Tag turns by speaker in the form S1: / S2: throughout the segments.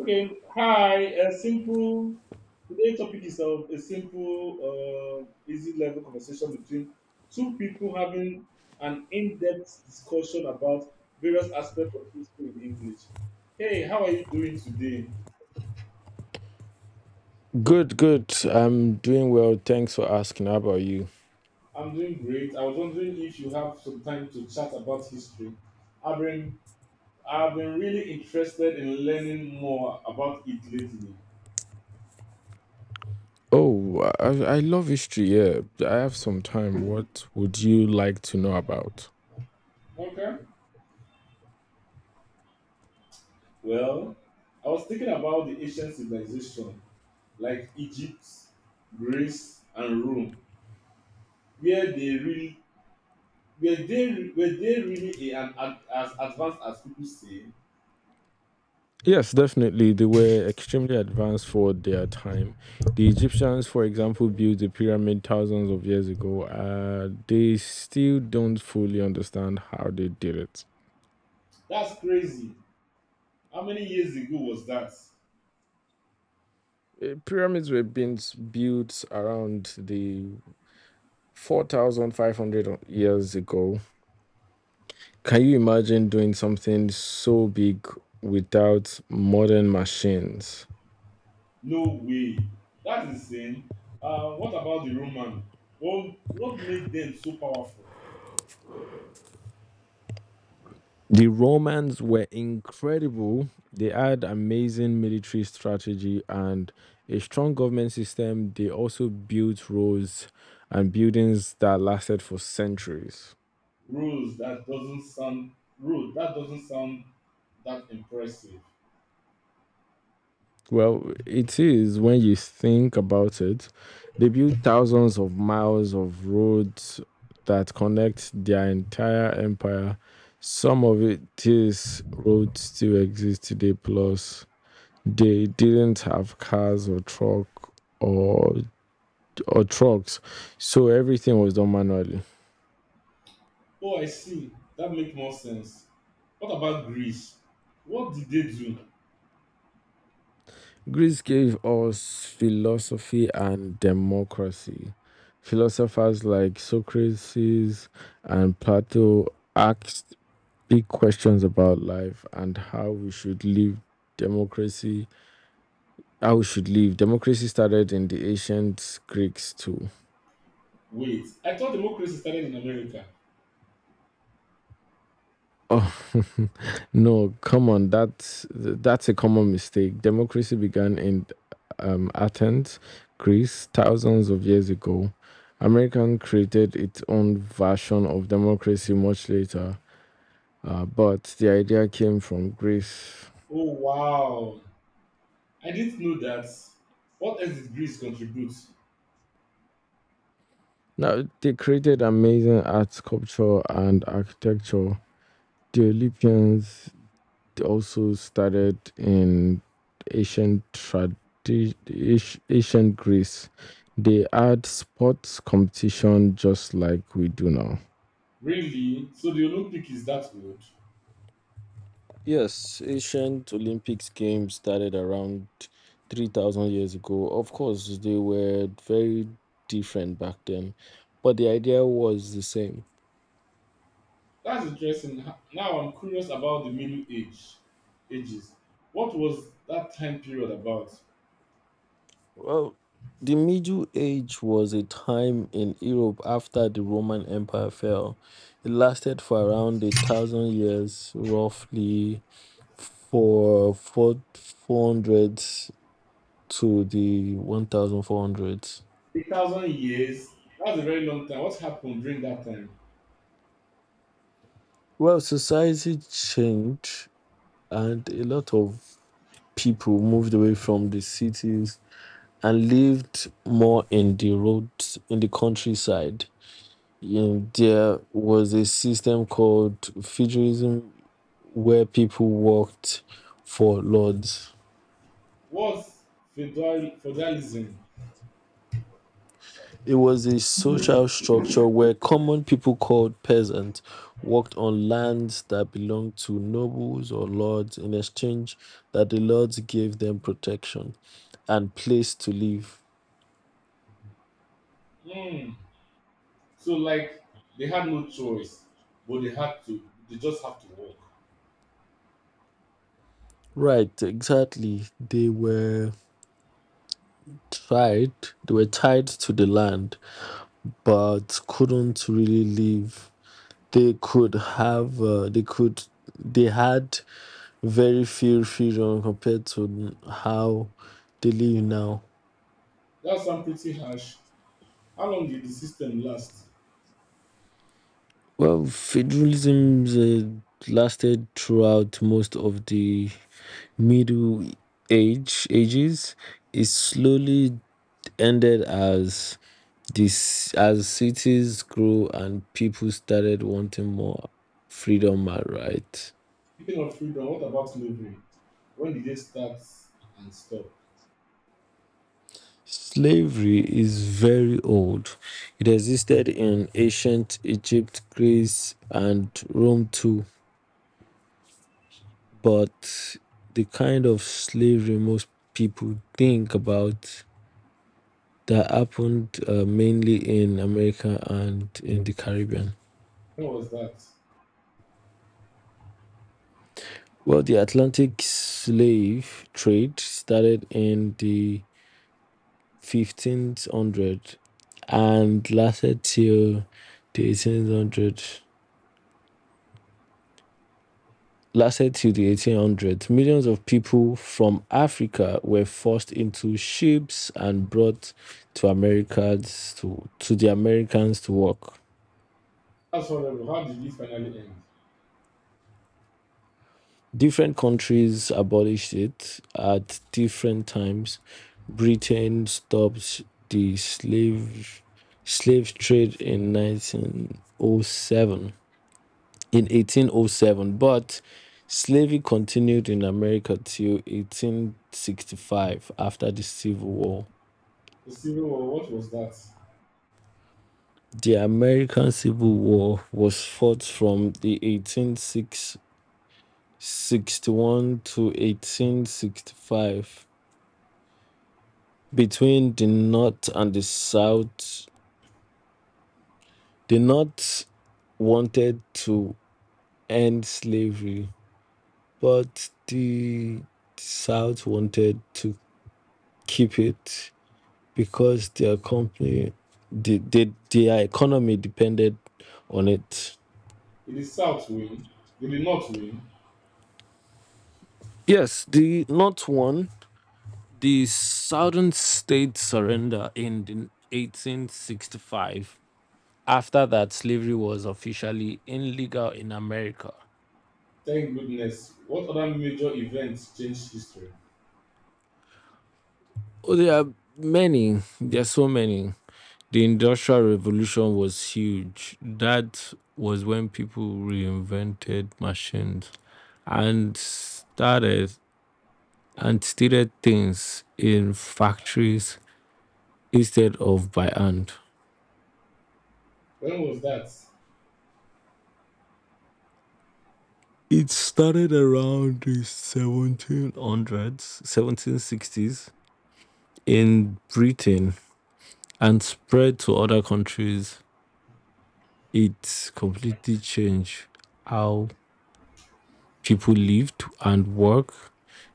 S1: Okay, hi. A simple today topic is of a simple, easy level conversation between two people having an in-depth discussion about various aspects of history in English. Hey, how are you doing today?
S2: Good, good. I'm doing well. Thanks for asking. How about you?
S1: I'm doing great. I was wondering if you have some time to chat about history. I've been I've been really interested in learning more about it lately.
S2: Oh, I love history. Yeah, I have some time. What would you like to know about?
S1: Okay. Well, I was thinking about the ancient civilization like Egypt, Greece, and Rome, where they really were they really as advanced as people say?
S2: Yes, definitely. They were extremely advanced for their time. The Egyptians, for example, built the pyramid thousands of years ago. They still don't fully understand how they did it.
S1: That's crazy. How many years ago was that?
S2: Pyramids were being built around the 4,500 years ago. Can you imagine doing something so big without modern machines?
S1: No way. That's insane. What about the Roman? What made them so powerful?
S2: The Romans were incredible. They had amazing military strategy and a strong government system. They also built roads and buildings that lasted for centuries.
S1: Rules that doesn't sound rude. That doesn't sound that impressive.
S2: Well, it is when you think about it. They built thousands of miles of roads that connect their entire empire. Some of it, these roads still exist today, plus they didn't have cars or or trucks, so everything was done manually.
S1: Oh, I see. That makes more sense. What about Greece? What did they do?
S2: Greece gave us philosophy and democracy. Philosophers like Socrates and Plato asked big questions about life and how we should live. Democracy how we should live democracy started in the ancient Greeks too.
S1: Wait, I thought democracy started in America.
S2: oh No, come on, that's a common mistake. Democracy began in Athens, Greece, thousands of years ago. American created its own version of democracy much later, but the idea came from Greece.
S1: Oh wow. I didn't know that. What else did Greece contribute?
S2: Now they created amazing art, sculpture, and architecture. The Olympians, they also started in ancient tradition, ancient Greece. They had sports competition just like we do now.
S1: Really? So the Olympic is that old?
S2: Yes, ancient Olympics games started around 3,000 years ago. Of course, they were very different back then, but the idea was the same.
S1: That's interesting. Now I'm curious about the Middle Age ages. What was that time period about?
S2: Well, the Middle Age was a time in Europe after the Roman Empire fell. It lasted for around a thousand years, roughly for 400 to the 1,400.
S1: 8,000 years? That's a very long time. What happened during that time?
S2: Well, society changed, and a lot of people moved away from the cities and lived more in the roads in the countryside. In there was a system called feudalism, where people worked for lords.
S1: Was feudalism?
S2: It was a social structure where common people called peasants worked on lands that belonged to nobles or lords in exchange that the lords gave them protection and place to live.
S1: Hmm. So like they had no choice, but they had to. They just have to work.
S2: Right, exactly. Tied. They were tied to the land, but couldn't really leave. They could have uh, they could they had very few freedom compared to how they live now.
S1: That sounds pretty harsh. How long did the system last?
S2: Well, federalism lasted throughout most of the Middle ages. It slowly ended as cities grew and people started wanting more freedom and right.
S1: Speaking of freedom, what about slavery? When did they start and stop?
S2: Slavery is very old. It existed in ancient Egypt, Greece, and Rome too. But the kind of slavery most people think about that happened mainly in America and in the Caribbean.
S1: When was that?
S2: Well, the Atlantic slave trade started in the 1500 and lasted till the 1800s. Millions of people from Africa were forced into ships and brought to the Americans to work.
S1: That's horrible. How did it finally end?
S2: Different countries abolished it at different times. Britain stopped the slave trade in 1907. in 1807, but slavery continued in America till 1865 after the Civil War.
S1: The Civil War, what was that?
S2: The American Civil War was fought from the 1861 to 1865 between the North and the South. The North wanted to end slavery, but the South wanted to keep it, because their company, their economy depended on it.
S1: Did the South win? Did the North win?
S2: Yes, the not one, the southern state surrender in 1865. After that, slavery was officially illegal in America.
S1: Thank goodness. What other major events changed history?
S2: Oh, there are many. There are so many. The Industrial Revolution was huge. That was when people reinvented machines and started and steated things in factories instead of by hand.
S1: When was that?
S2: It started around the 1700s, 1760s in Britain and spread to other countries. It completely changed how people lived and work.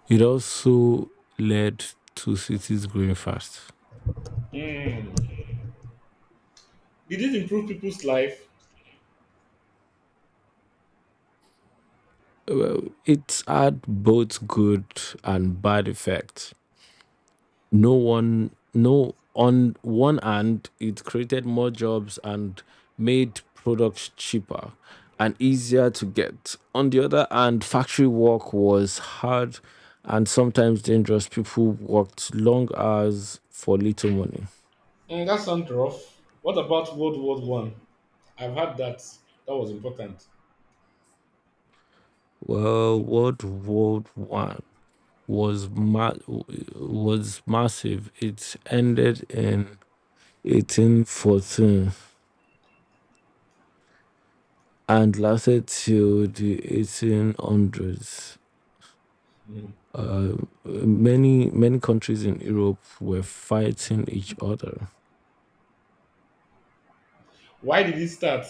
S2: It also led to cities growing fast.
S1: Hmm. Did it improve people's life?
S2: Well, it's had both good and bad effects. No one no on one hand, it created more jobs and made products cheaper and easier to get. On the other hand, factory work was hard and sometimes dangerous. People worked long hours for little money.
S1: Mm, that sounds rough. What about World War One? I've had that. That was important.
S2: Well, World War One was ma- was massive. It ended in 1814 and lasted till the 1800s.
S1: Hmm.
S2: Many countries in Europe were fighting each other.
S1: Why did it start?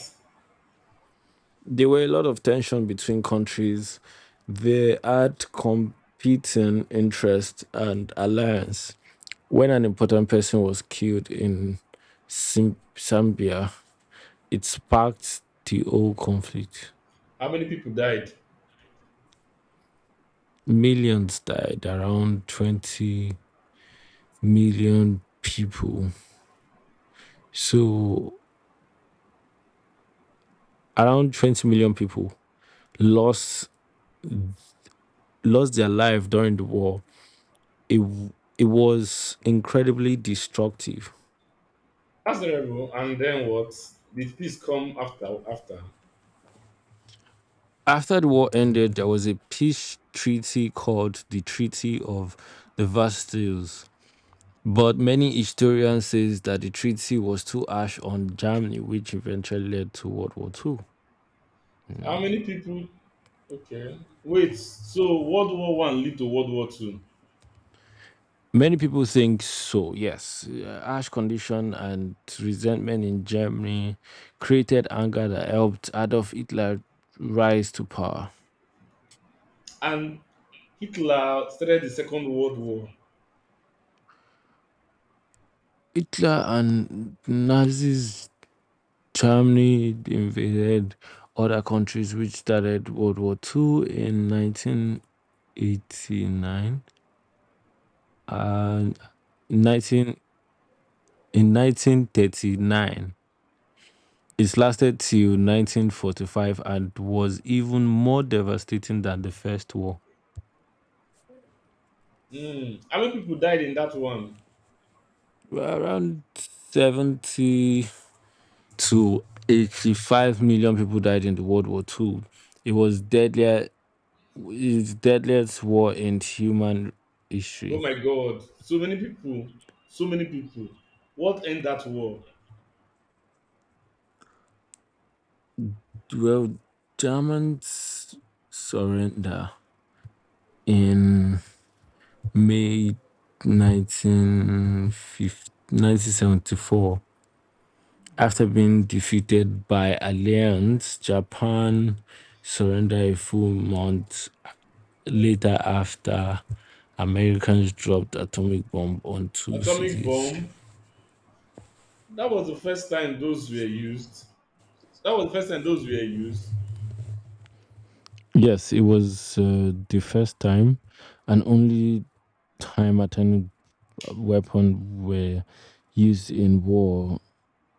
S2: There were a lot of tension between countries. They had competing interests and alliance. When an important person was killed in Zambia, it sparked the whole conflict.
S1: How many people died?
S2: Millions died, around 20 million people. So around 20 million people lost lost their life during the war. It w- it was incredibly destructive.
S1: That's terrible. And then what? Did peace come after?
S2: After the war ended, there was a peace treaty called the Treaty of the Versailles. But many historians say that the treaty was too harsh on Germany, which eventually led to World War Two.
S1: How many people okay. Wait, so World War One lead to World War Two.
S2: Many people think so. Yes. Harsh condition and resentment in Germany created anger that helped Adolf Hitler rise to power.
S1: And Hitler started the Second World War.
S2: Hitler and Nazis Germany invaded other countries, which started World War Two in 1989 and 19, in 1939. It lasted till 1945 and was even more devastating than the First War.
S1: Hmm. How many people died in that one?
S2: Around 70 to 85 million people died in the World War Two. It was deadlier, it's deadliest war in human history.
S1: Oh my god. So many people. What end that war?
S2: Well, Germans surrender in May 1950 1974 after being defeated by Alliance. Japan surrendered a full month later after Americans dropped atomic bomb on two
S1: Atomic
S2: cities.
S1: bomb. That was the first time those were used. That was the first time those were used.
S2: Yes, it was the first time and only time atomic weapon were used in war,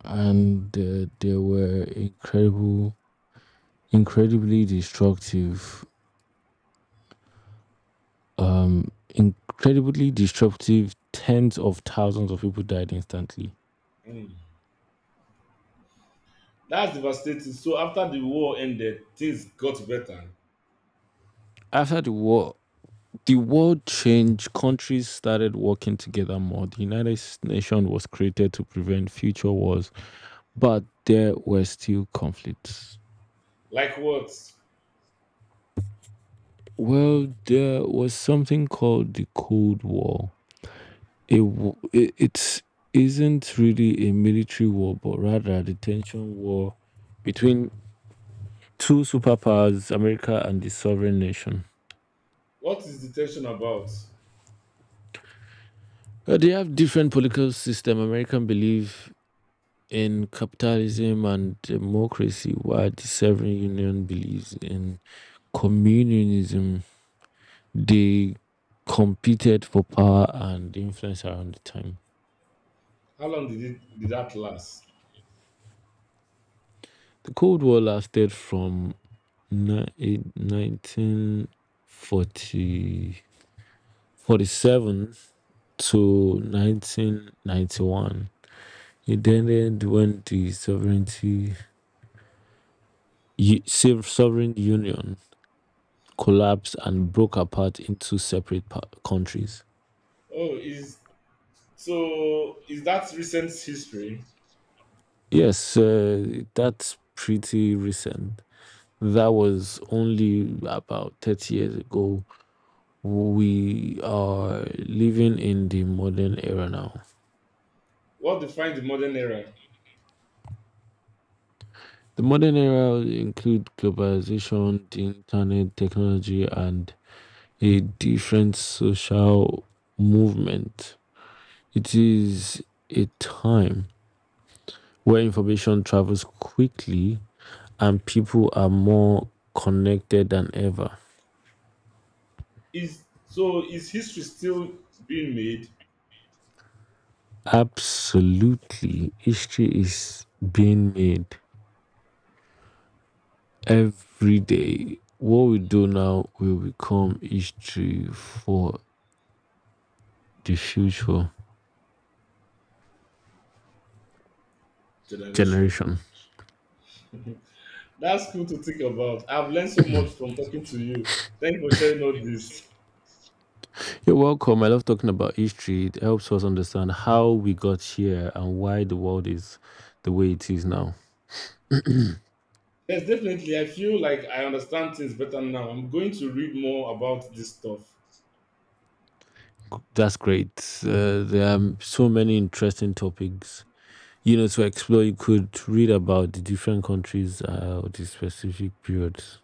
S2: and they were incredibly destructive. Incredibly disruptive. Tens of thousands of people died instantly.
S1: Hmm. That's devastating. So after the war ended, things got better.
S2: After the war, the world changed. Countries started working together more. The United Nations was created to prevent future wars, but there were still conflicts.
S1: Like what?
S2: Well, there was something called the Cold War. It isn't really a military war, but rather a detention war between two superpowers, America and the sovereign nation.
S1: What is the tension about?
S2: They have different political system. American believe in capitalism and democracy, while the sovereign union believes in communism. They competed for power and influence around the time.
S1: How long did that last?
S2: The Cold War lasted from ni- eight- nineteen forty forty-seven to 1991. It ended when the sovereign union collapsed and broke apart into separate countries.
S1: Oh, is so is that recent history?
S2: Yes, that's pretty recent. That was only about 30 years ago. We are living in the modern era now.
S1: What defines the modern era?
S2: The modern era includes globalization, the internet, technology, and a different social movement. It is a time where information travels quickly and people are more connected than ever.
S1: Is so is history still being made
S2: Absolutely. History is being made every day. What we do now will become history for the future
S1: generation?
S2: generation.
S1: That's cool to think about. I've learned so much from talking to you. Thank you for sharing all this.
S2: You're welcome. I love talking about history. It helps us understand how we got here and why the world is the way it is now.
S1: Yes, definitely. I feel like I understand things better now. I'm going to read more about this stuff.
S2: That's great. There are so many interesting topics, to explore. You could read about the different countries or the specific periods.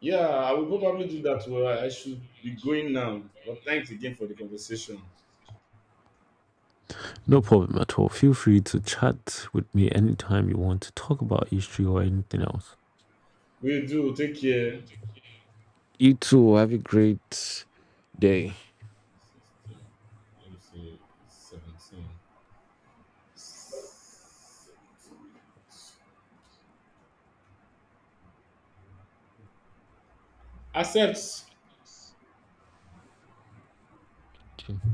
S1: Yeah, I will probably do that. Well, I should be going now. But thanks again for the conversation.
S2: No problem at all. Feel free to chat with me anytime you want to talk about history or anything else.
S1: We do. Take care.
S2: You too. Have a great day.
S1: 16, let me see, 17. Accept.